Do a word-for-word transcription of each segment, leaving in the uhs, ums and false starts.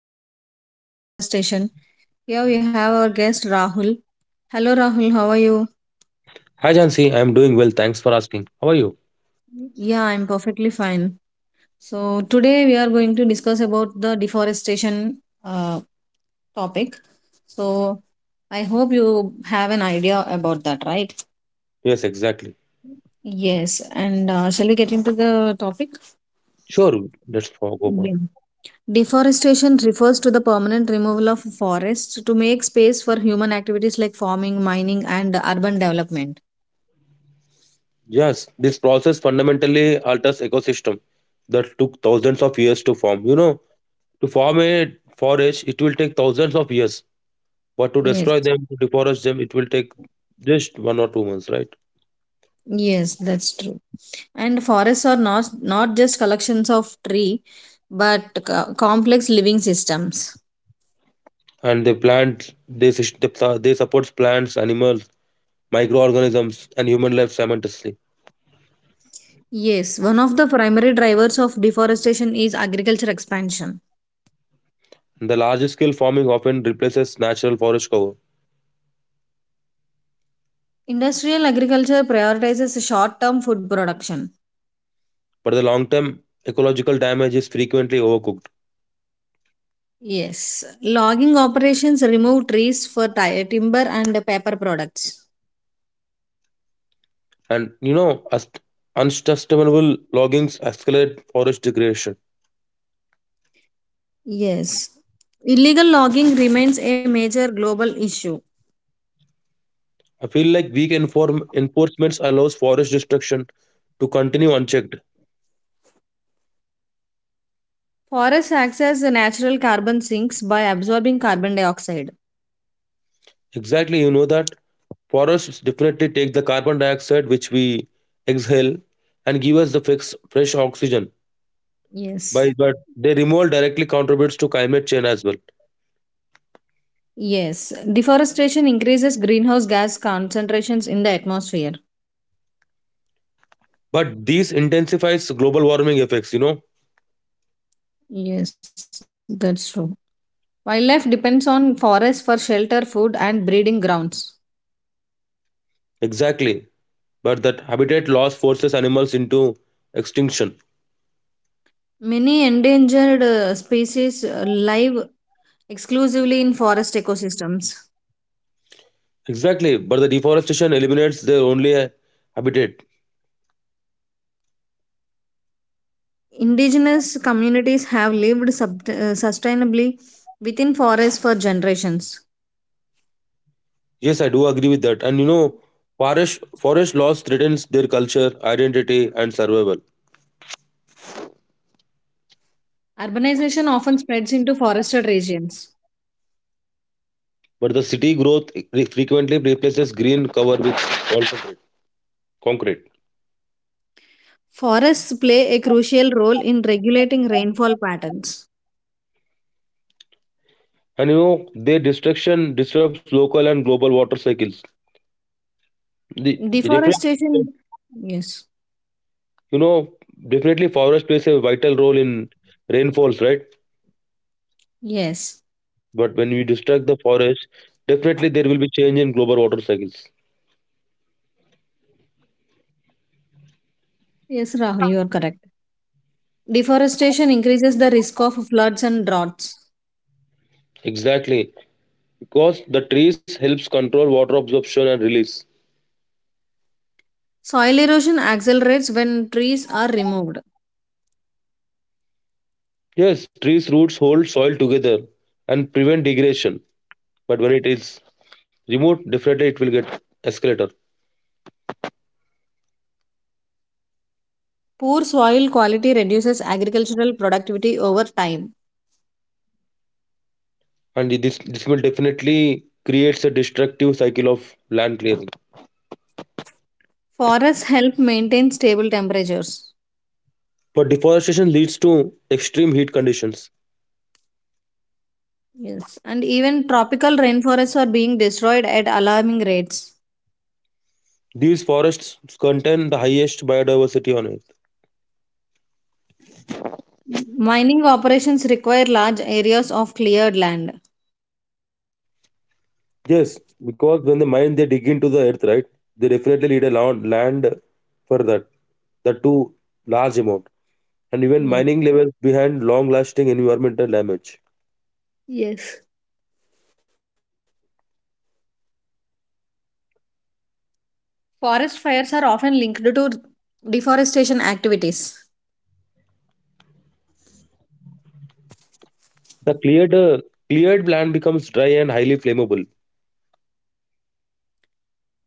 important topic deforestation. Here we have our guest Rahul. Hello Rahul, how are you? Hi, Jansi. I'm doing well. Thanks for asking. How are you? Yeah, I'm perfectly fine. So today we are going to discuss about the deforestation uh, topic. So I hope you have an idea about that, right? Yes, exactly. Yes, and uh, shall we get into the topic? Sure. Let's fo- go on. Yeah. Deforestation refers to the permanent removal of forests to make space for human activities like farming, mining, and urban development. Yes, this process fundamentally alters ecosystem that took thousands of years to form. You know, to form a forest, it will take thousands of years. But to Yes, destroy them, to deforest them, it will take just one or two months, right? yes, that's true. And forests are not not just collections of tree, but co- complex living systems. And they plant, they sus- they su- they supports plants, animals, microorganisms, and human life simultaneously. Yes, one of the primary drivers of deforestation is agriculture expansion. The large scale farming often replaces natural forest cover, Industrial agriculture prioritizes short-term food production. but the long term ecological damage is frequently overcooked. Yes, logging operations remove trees for ti- timber and paper products. And you know, as unsustainable loggings accelerate forest degradation. Yes, illegal logging remains a major global issue. I feel like weak inform- enforcements allows forest destruction to continue unchecked. Forests access the natural carbon sinks by absorbing carbon dioxide. Exactly, you know that forests definitely take the carbon dioxide which we exhale and give us the fix, fresh oxygen. By Yes. but their removal directly contributes to climate change as well. Yes, deforestation increases greenhouse gas concentrations in the atmosphere. But these intensifies global warming effects. You know Yes, that's true. Wildlife depends on forests for shelter, food, and breeding grounds. exactly. but that habitat loss forces animals into extinction. Many endangered uh, species uh, live exclusively in forest ecosystems. Exactly, but the deforestation eliminates their only uh, habitat. Indigenous communities have lived sub- uh, sustainably within forests for generations. Yes, I do agree with that. And you know, forest forest loss threatens their culture, identity, and survival. Urbanization often spreads into forested regions. But the city growth re- frequently replaces green cover with wall concrete. Concrete. Forests play a crucial role in regulating rainfall patterns. And you know, their destruction disrupts local and global water cycles. The, the definitely, Deforestation, yes, you know, definitely forest plays a vital role in rainfalls, right? yes, But when we destruct the forest, definitely there will be change in global water cycles. yes, Rahul, you are correct. Deforestation increases the risk of floods and droughts. Exactly, because the trees helps control water absorption and release. Soil erosion accelerates when trees are removed. Yes, trees roots hold soil together and prevent degradation. But when it is removed, definitely it will get escalator, Poor soil quality reduces agricultural productivity over time. and this this will definitely creates a destructive cycle of land clearing. Forests help maintain stable temperatures. But deforestation leads to extreme heat conditions. Yes. And even tropical rainforests are being destroyed at alarming rates. These forests contain the highest biodiversity on Earth. M- Mining operations require large areas of cleared land. Yes, because when the mine they dig into the earth, right? They definitely need a land, land for that. That too large amount. And even Yes. mining levels behind long lasting environmental damage. Yes. Forest fires are often linked to deforestation activities. The cleared uh, cleared land becomes dry and highly flammable.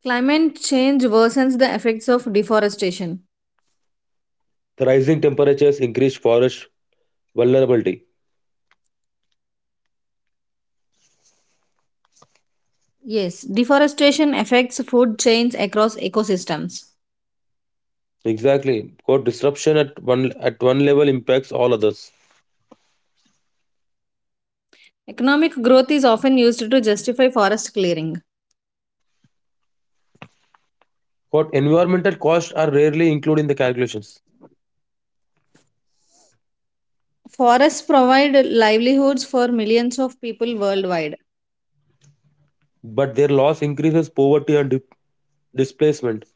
Climate change worsens the effects of deforestation. The rising temperatures increase forest vulnerability. Yes, deforestation affects food chains across ecosystems. Exactly. Quote disruption at one at one level impacts all others. Economic growth is often used to justify forest clearing. Quote environmental costs are rarely included in the calculations, Forests provide livelihoods for millions of people worldwide. but their loss increases poverty and dip- displacement.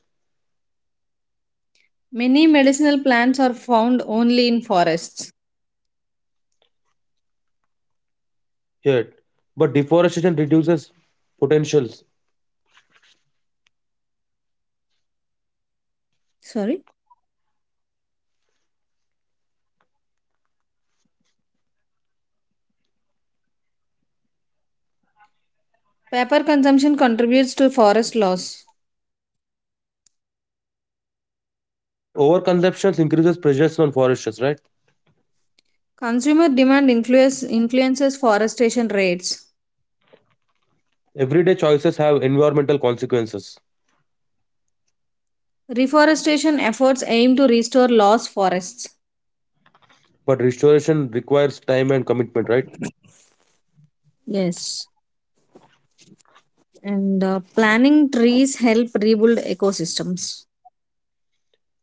Many medicinal plants are found only in forests. Yet, but deforestation reduces potentials, Sorry? Paper consumption contributes to forest loss. but overconsumption increases pressures on forests, right? Consumer demand influence, influences forestation rates. Everyday choices have environmental consequences, Reforestation efforts aim to restore lost forests. but restoration requires time and commitment, right? Yes. And uh, planning trees help rebuild ecosystems.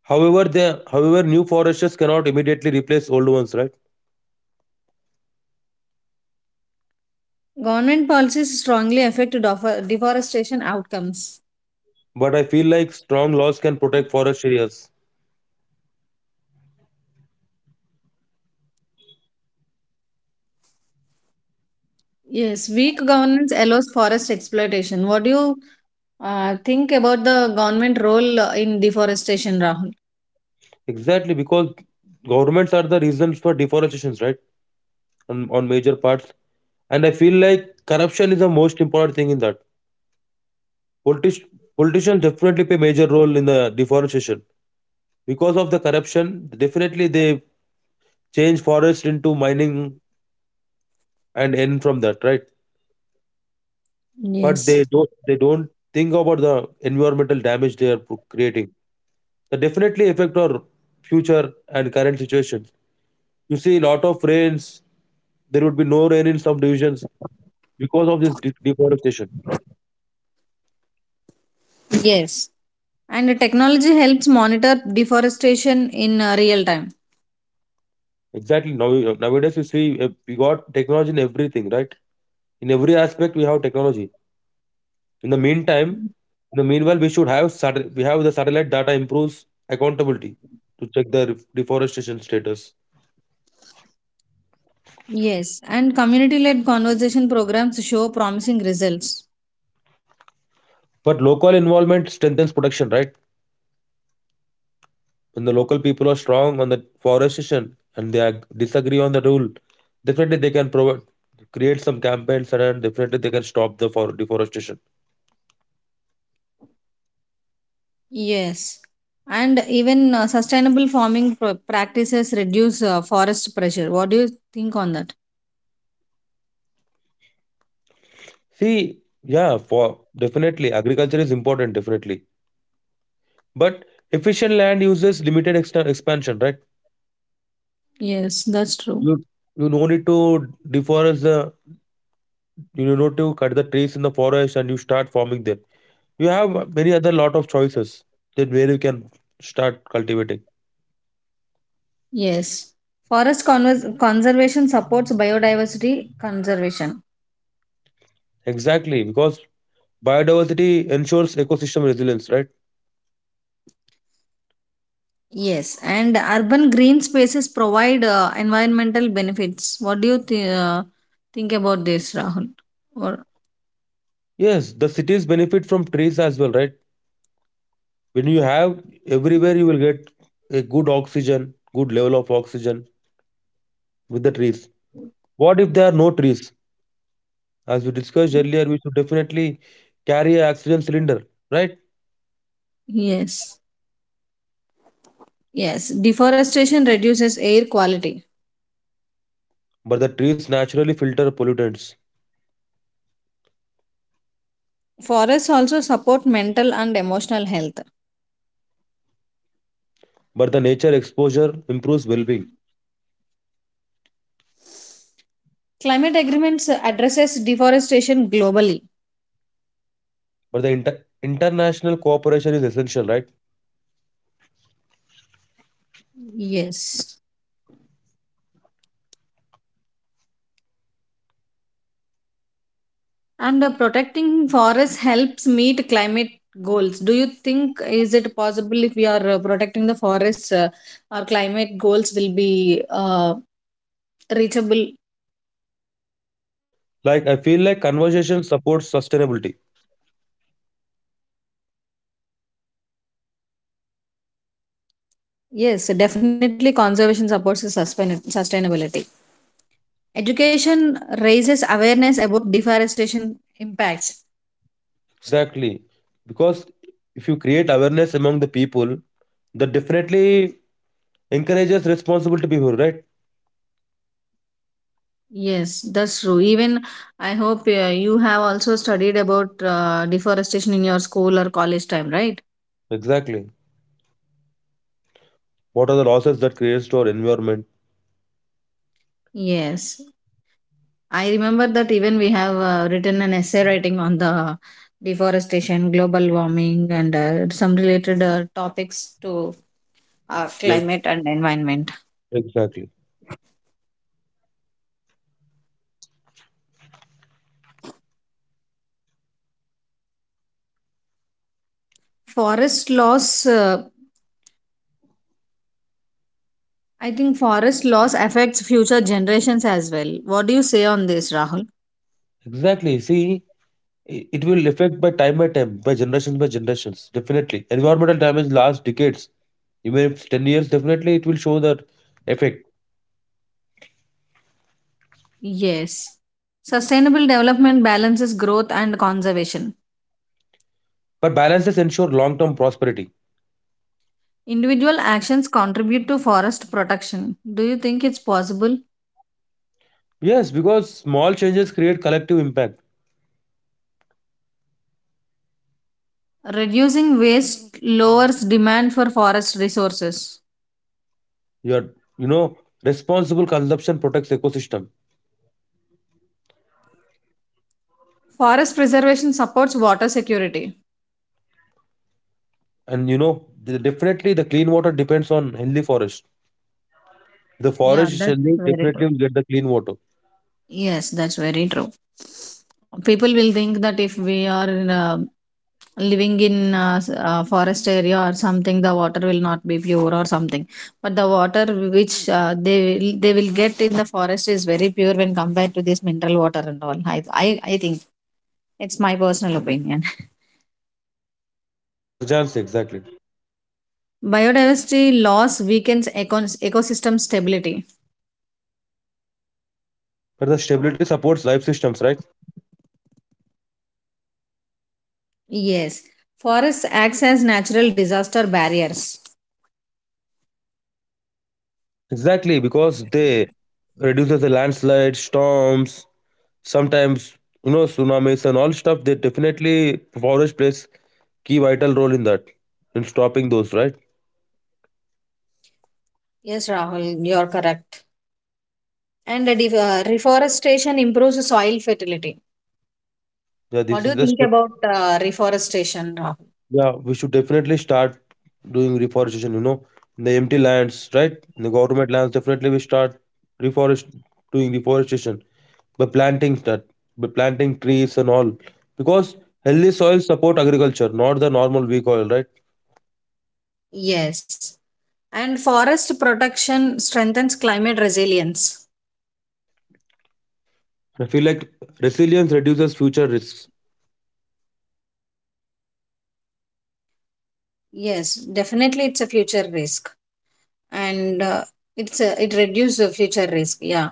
However, the however new forests cannot immediately replace old ones, right? Government policies strongly affect defo- deforestation outcomes. But I feel like strong laws can protect forest areas. Yes, weak governance allows forest exploitation. What do you uh, think about the government role uh, in deforestation, Rahul? Exactly, because governments are the reasons for deforestations, right? On, on major parts, and I feel like corruption is the most important thing in that. Politic- Politicians definitely play major role in the deforestation because of the corruption. Definitely, they change forest into mining and end from that, right? But they Yes. don't they don't think about the environmental damage they are pro- creating. That definitely affect our future and current situations. You see, a lot of rains. There would be no rain in some divisions because of this de- deforestation. Yes. And the technology helps monitor deforestation in uh, real time. Exactly. Now nowadays, you see, eh, we got technology in everything, right? In every aspect, we have technology. In the meantime, in the meanwhile, we should have sat- we have the satellite data improves accountability to check the re- deforestation status. Yes. And community led conversation programs show promising results. But local involvement strengthens protection, right? When the local people are strong on the forestation and they ag- disagree on the rule, definitely they can provide create some campaigns, and then definitely they can stop the for deforestation. Yes. And even uh, sustainable farming pr- practices reduce uh, forest pressure. What do you think on that? See, yeah, for definitely agriculture is important, definitely. But efficient land uses limited extra expansion, right? Yes, that's true. You you no need to deforest the you know to cut the trees in the forest and you start farming there. You have many other lot of choices that where you can start cultivating. Yes. Forest convers- conservation supports biodiversity conservation. Exactly, because biodiversity ensures ecosystem resilience, right? Yes. And urban green spaces provide uh, environmental benefits. What do you th- uh, think about this, Rahul? Or Yes, the cities benefit from trees as well, right? When you have everywhere you will get a good oxygen, good level of oxygen with the trees. What if there are no trees? As we discussed earlier, we should definitely carry an oxygen cylinder, right? yes. Yes. Deforestation reduces air quality. But the trees naturally filter pollutants. Forests also support mental and emotional health. But the nature exposure improves well-being. Climate agreements addresses deforestation globally. But the inter- international cooperation is essential, right? Yes. And uh, protecting forests helps meet climate goals. Do you think is it possible if we are uh, protecting the forests, uh, our climate goals will be uh, reachable? Like, I feel like conversation supports sustainability. Yes, definitely. Conservation supports the sustain- sustainability. Education raises awareness about deforestation impacts. Exactly, because if you create awareness among the people, that definitely encourages responsible behavior, right? Yes, that's true. Even I hope uh, you have also studied about uh, deforestation in your school or college time, right? Exactly. What are the losses that creates to our environment? Yes. I remember that even we have uh, written an essay writing on the deforestation, global warming, and uh, some related uh, topics to uh, Yes, climate and environment. exactly. Forest loss, uh, I think forest loss affects future generations as well. What do you say on this, Rahul? Exactly. See, I- It will affect by time by time, by generations by generations, definitely. Environmental damage lasts decades. Even if ten years, definitely it will show that effect. Yes. Sustainable development balances growth and conservation. But balances ensure long term prosperity. Individual actions contribute to forest protection. Do you think it's possible? Yes, because small changes create collective impact. Reducing waste lowers demand for forest resources. Your, you know, responsible consumption protects ecosystem. Forest preservation supports water security. And, you know, the- definitely the clean water depends on healthy forest. The forest Yeah, is that's healthy, very definitely true. will get the clean water. Yes, that's very true. People will think that if we are in living in a, s- a forest area or something, the water will not be pure or something. But the water which uh, they will, they will get in the forest is very pure when compared to this mineral water and all. I I, I think it's my personal opinion. Yes, Jansi, exactly. Biodiversity loss weakens econ- ecosystem stability. But the stability supports life systems, right? Yes, forests acts as natural disaster barriers. Exactly, because they reduces the landslides, storms, sometimes you know tsunamis and all stuff. They definitely forest plays key vital role in that, in stopping those, right? Yes, Rahul, you're correct. And the def- uh, reforestation improves soil fertility. Yeah, this What do is you the think step. about uh, reforestation, Rahul? Yeah, we should definitely start doing reforestation. You know, in the empty lands, right? In the government lands, definitely we start reforest doing reforestation by planting that by planting trees and all, because healthy soils support agriculture, not the normal weak oil, right? Yes. And forest protection strengthens climate resilience. I feel like resilience reduces future risks. Yes, definitely, it's a future risk, and uh, it's a, it reduces the future risk. Yeah.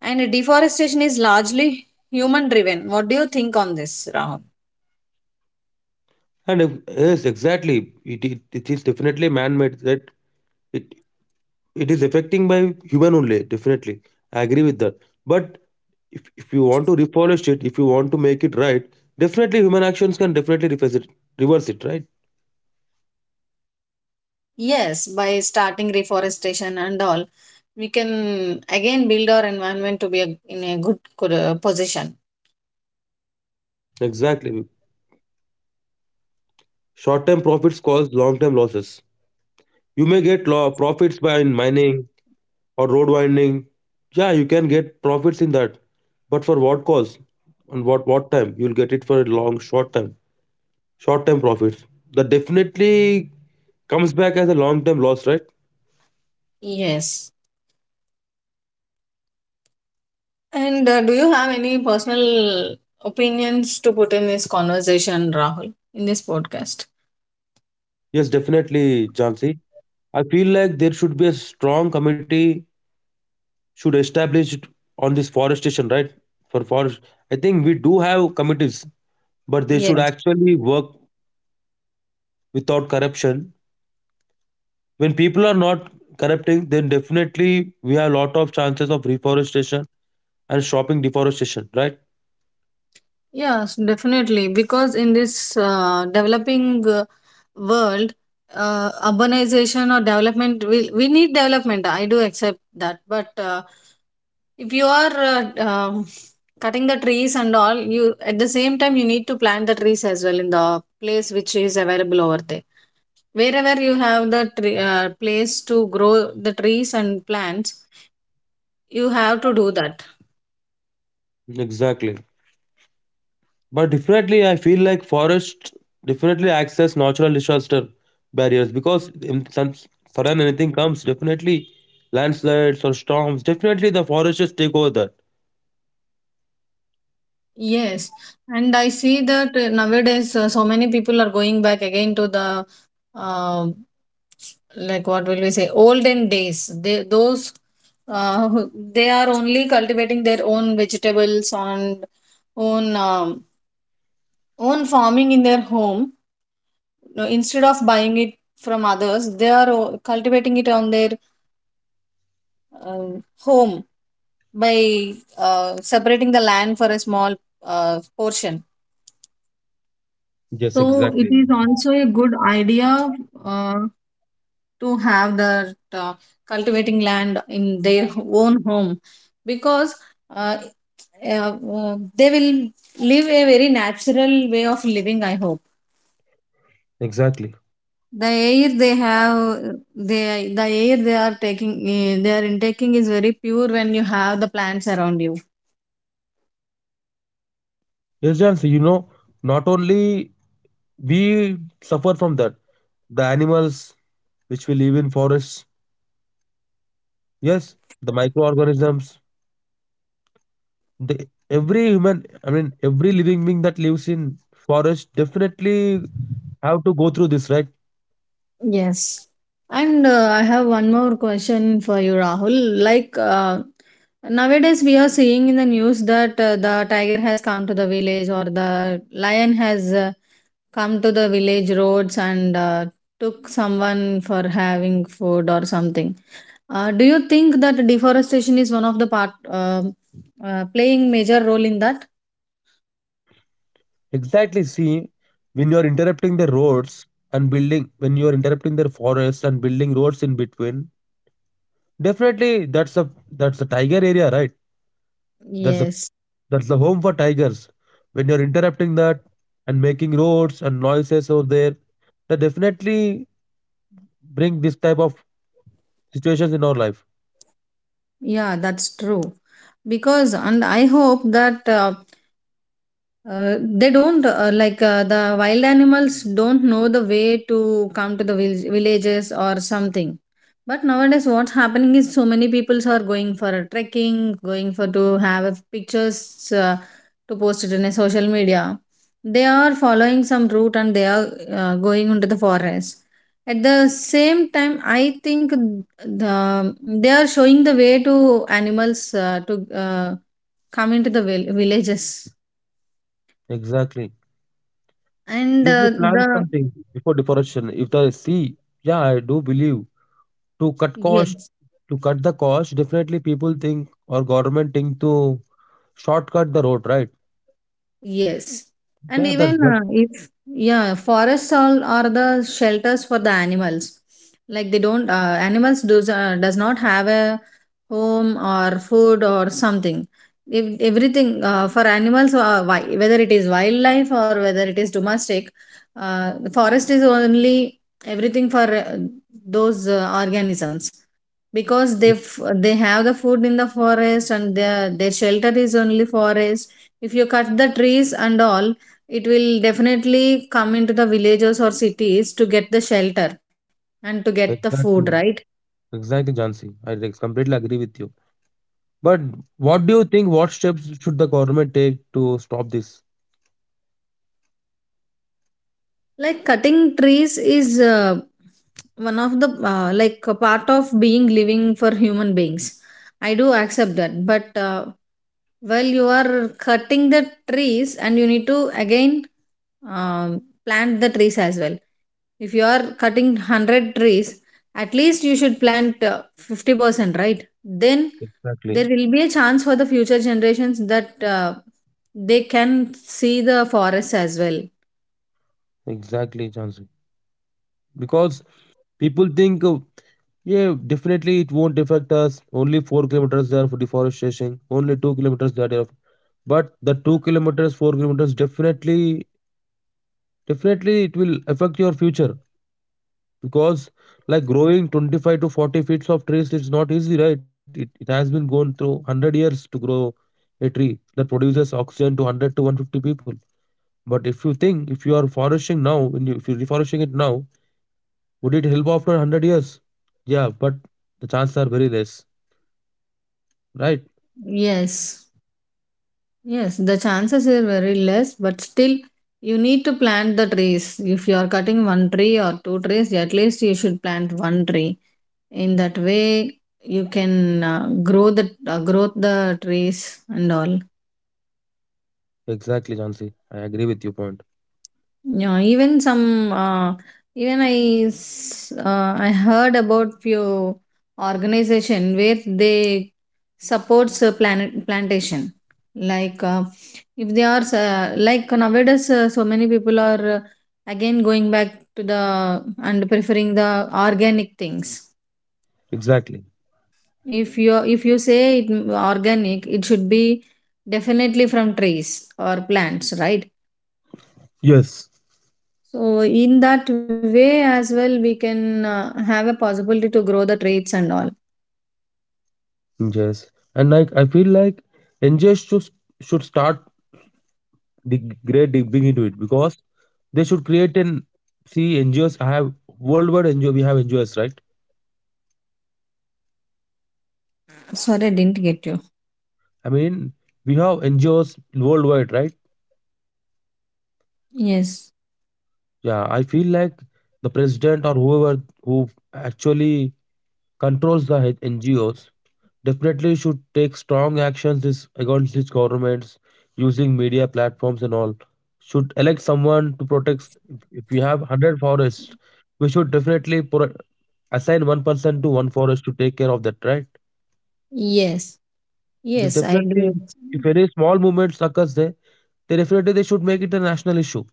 And deforestation is largely human driven. What do you think on this, Rahul? And if, yes, exactly. It, it, it is definitely man-made that it it is affecting by human only, definitely. I agree with that. But if, if you want to refolish it, if you want to make it right, definitely human actions can definitely reverse it, reverse it, right? Yes, by starting reforestation and all, we can again build our environment to be a, in a good good, uh, position. Exactly. Short-term profits cause long-term losses. You may get law profits by in mining, or road widening. Yeah, you can get profits in that, but for what cause, and what what time? You'll get it for a long, short time, short time profits. That definitely comes back as a long term loss, right? Yes. And uh, do you have any personal opinions to put in this conversation, Rahul, in this podcast? Yes, definitely, Jansi. I feel like there should be a strong committee should establish it on this forestation, right? For forest, I think we do have committees, but they should Yes. actually work without corruption. When people are not corrupting, then definitely we have a lot of chances of reforestation and stopping deforestation, right? Yes, definitely. Because in this uh, developing uh, world, uh, urbanization or development, we, we need development. I do accept that. But uh, if you are uh, um, cutting the trees and all, you at the same time you need to plant the trees as well in the place which is available over there. Wherever you have the tree, uh, place to grow the trees and plants, you have to do that. Exactly. But definitely, I feel like forests definitely acts as natural disaster barriers, because in some sudden anything comes, definitely landslides or storms, definitely the forests take over that. Yes, and I see that uh, nowadays uh, so many people are going back again to the uh, like what will we say olden days. They those uh, who- they are only cultivating their own vegetables and own um, own farming in their home. No, instead of buying it from others. They are o- cultivating it on their um, home by uh, separating the land for a small uh, portion. Yes, So it exactly. is also a good idea uh, to have that uh, cultivating land in their own home because uh, uh, uh, they will live a very natural way of living. I hope Exactly. the air they have, they the air they are taking, eh, they are intaking is very pure when you have the plants around you. Yes, Jansi, you know, not only we suffer from that, the animals which we live in forests. Yes, the microorganisms, the every human, I mean, every living being that lives in forest definitely have to go through this, right? Yes. And uh, I have one more question for you, Rahul. Like, uh, nowadays we are seeing in the news that uh, the tiger has come to the village or the lion has uh, come to the village roads and uh, took someone for having food or something. Uh, do you think that deforestation is one of the part uh, uh, playing major role in that? Exactly. See, when you are interrupting the roads and building, when you are interrupting their forests and building roads in between, definitely that's a that's a tiger area, right? That's a Yes. that's the home for tigers. When you're interrupting that and making roads and noises over there, that definitely bring this type of situations in our life. Yeah, that's true. Because, and I hope that uh, Uh, they don't uh, like uh, the wild animals don't know the way to come to the vil- villages or something, but nowadays what's happening is so many people are going for a trekking, going for to have pictures uh, to post it in a social media. They are following some route and they are uh, going into the forest. At the same time I think the they are showing the way to animals uh, to uh, come into the vil- villages. Exactly. And You Usually uh, plan the something before deforestation. If they see, yeah, I do believe to cut cost, yes. to cut the cost, definitely people think or government think to shortcut the road, right? Yes. And Yeah, that's even that uh, if, yeah, forests all are the shelters for the animals. Like they don't, uh, animals does, uh, does not have a home or food or something. If everything uh, for animals, uh, wi- whether it is wildlife or whether it is domestic, uh, the forest is only everything for uh, those uh, organisms, because they f- they have the food in the forest, and their their shelter is only forest. If you cut the trees and all, it will definitely come into the villages or cities to get the shelter and to get the food, right? exactly exactly, Jansi. I, like, completely agree with you. But what do you think? What steps should the government take to stop this? Like cutting trees is uh, one of the uh, like a part of being living for human beings. I do accept that, but uh, while you are cutting the trees, and you need to again um, plant the trees as well. If you are cutting one hundred trees, at least you should plant uh, fifty percent, right? Then there Exactly, will be a chance for the future generations that uh, they can see the forest as well. exactly, Jansi. Because people think, uh, yeah, definitely it won't affect us. Only four kilometers there for deforestation. Only two kilometers there. there." But the two kilometers, four kilometers, definitely, definitely it will affect your future, because like growing twenty-five to forty feet of trees, it's not easy, right? It, it has been gone through one hundred years to grow a tree that produces oxygen to one hundred to one hundred fifty people. But if you think, if you are foraging now, when you, if you're reforesting it now, would it help after one hundred years? Yeah, but the chances are very less, right? Yes. Yes, the chances are very less, but still, you need to plant the trees. If you are cutting one tree or two trees, at least you should plant one tree. In that way, you can uh, grow the uh, grow the trees and all. Exactly, Jansi. I agree with your point. Yeah, even some uh, even I s- uh, I heard about few organization where they supports uh, planet plantation. Like uh, if they are uh, like nowadays uh, so many people are uh, again going back to the and preferring the organic things. Exactly. If you if you say it, mm, organic it should be definitely from trees or plants, right? Yes. So in that way as well, we can uh, have a possibility to grow the traits and all. Yes. And, like, I feel like N G Os should, should start dig, great digging into it, because they should create an see, N G Os have worldwide N G O, we have N G Os, right? Sorry, I didn't get you. I mean, we have N G Os worldwide, right? Yes, Yeah, I feel like the president or whoever who actually controls the H- N G Os definitely should take strong actions, this, against these governments using media platforms and all. Should elect someone to protect. If, if we have one hundred forests, we should definitely pro- assign one person to one forest to take care of that, right? yes, This yes, I do. definitely, if any small movements occurs there, they definitely they should make it a national issue.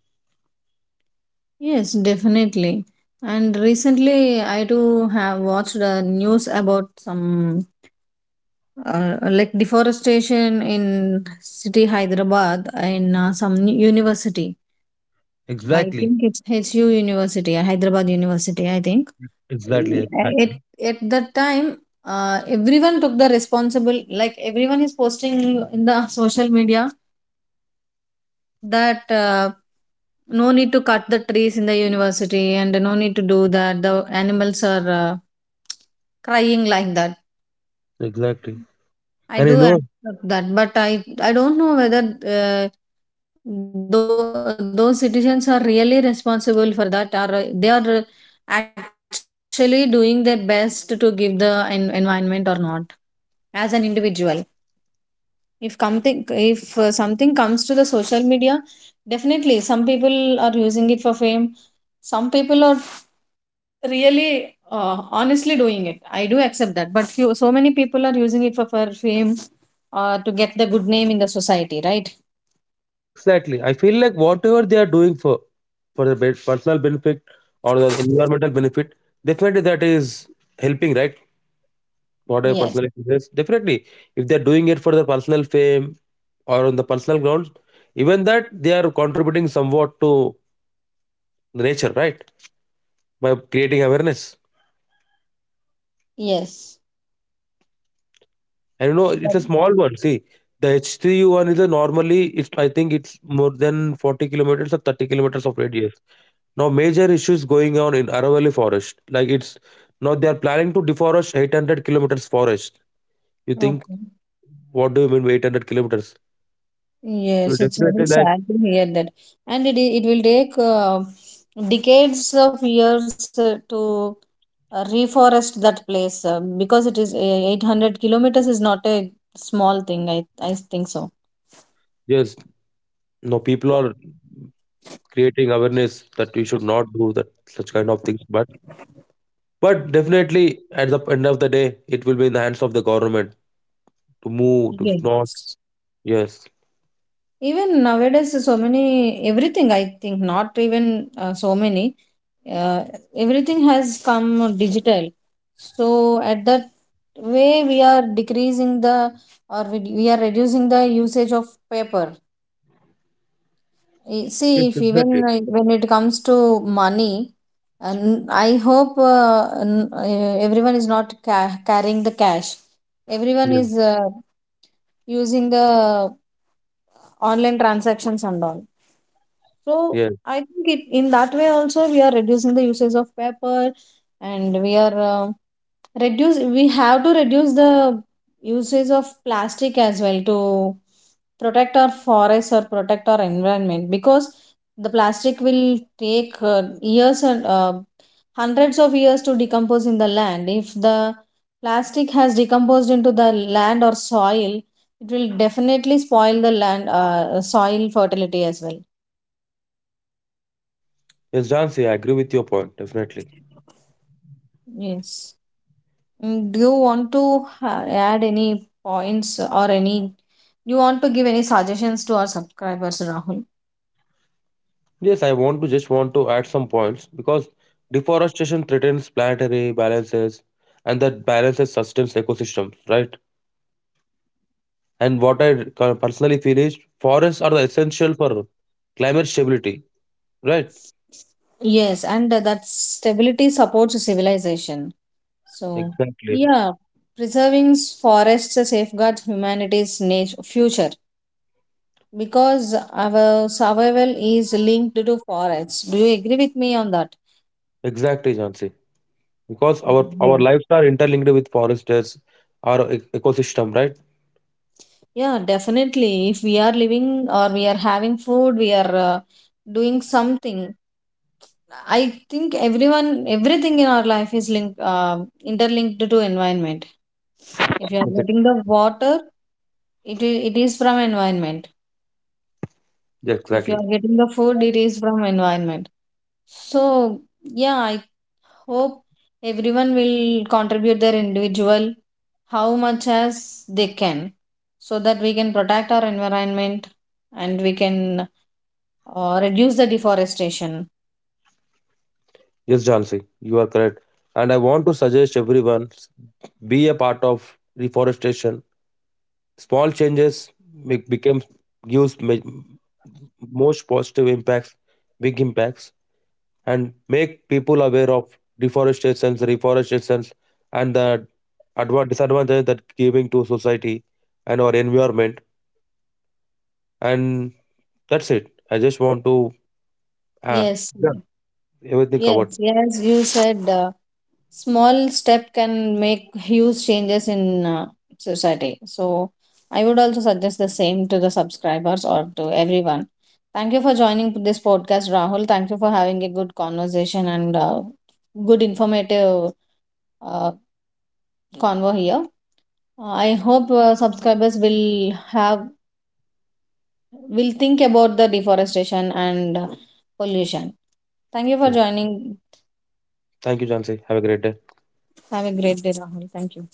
Yes, definitely. And recently, I do have watched the news about some uh, like deforestation in city Hyderabad in uh, some university. I Exactly. think it's H U University, uh, Hyderabad University, I think Exactly. it Exactly. at that time uh, everyone took the responsible, like everyone is posting in the social media that uh, no need to cut the trees in the university and no need to do that, the animals are uh, crying like that. Exactly. I And you do know, accept that, but I I don't know whether uh, tho- those citizens are really responsible for that, or uh, they are uh, actually doing their best to give the en- environment or not as an individual. If something if uh, something comes to the social media, definitely some people are using it for fame. Some people are really uh, honestly doing it, I do accept that, but few, so many people are using it for, for fame, uh, to get the good name in the society, right? Exactly. I feel like whatever they are doing for for the ben- personal benefit or the environmental benefit, definitely that is helping, right? Whatever personal Yes, interest, definitely. If they are doing it for the personal fame or on the personal grounds, even that they are contributing somewhat to the nature, right? By creating awareness. yes, And you know, that, it's a small one. See, the H three U one is a normally it's I think it's more than forty kilometers or thirty kilometers of radius. Now, major issues going on in Aravalli Forest. Like it's now they are planning to deforest eight hundred kilometers forest. You think, okay. what do you mean by eight hundred kilometers? So Yes, it's very definitely, like, sad to hear that. And it, i- it will take uh, decades of years uh, to uh, reforest that place, uh, because it is uh, eight hundred kilometers is not a small thing. I, I think so. yes, no, people are creating awareness that we should not do that such kind of things. But but definitely, at the end of the day, it will be in the hands of the government to move, to Yeah. not, yes, Even nowadays, so many, everything, I think, not even uh, so many, uh, everything has come digital. So at that way, we are decreasing the or we we are reducing the usage of paper. Eh, yes, See, if even exactly. like, when it comes to money, and I hope uh, n- eh, everyone is not ca- carrying the cash. Everyone Yeah, is uh, using the online transactions and all. So yes, I think it in that way also we are reducing the usage of paper, and we are uh, reduce we have to reduce the usage of plastic as well to protect our forests or protect our environment, because the plastic will take uh, years and uh, hundreds of years to decompose in the land. If the plastic has decomposed into the land or soil, it will definitely spoil the land, uh, soil fertility as well. yes, Jansi, I agree with your point. Definitely. Yes. Mm, do you want to ha- add any points or any? You want to give any suggestions to our subscribers, Rahul? Yes, I want to just want to add some points, because deforestation threatens planetary balances and that balances sustains ecosystems, right? And what I co- personally feel is forests are the essential for climate stability, right? Yes, and uh, that stability supports civilization. So, Exactly. yeah, preserving s- forests safeguards humanity's nat- future because our survival is linked to forests. Do you agree with me on that? Exactly, Jansi. Because our our Yes. lives are interlinked with forests, our e- ecosystem, right? Yeah, definitely. If we are living or we are having food, we are uh, doing something. I think everyone, everything in our life is linked, um interlinked to environment. If you are Yes, getting the water, it is, it is from environment. yes, If you exactly. are getting the food, it is from environment. So yeah, I hope everyone will contribute their individual how much as they can, so that we can protect our environment, and we can uh, reduce the deforestation. Yes, Jansi, you are correct. And I want to suggest everyone s- be a part of reforestation. Small changes make, become gives ma- most positive impacts, big impacts, and make people aware of deforestation, reforestation, and the adva- disadvantages that giving to society and our environment. And that's it. I just want to, uh, Yes, everything covered. yes, yes. You said. Uh, small step can make huge changes in uh, society. So I would also suggest the same to the subscribers or to everyone. Thank you for joining this podcast, Rahul. Thank you for having a good conversation, and uh, good informative uh, convo here. Uh, I hope uh, subscribers will have will think about the deforestation and uh, pollution. Thank you for joining. Thank you, Jansi. Have a great day. Have a great day, Rahul. Thank you.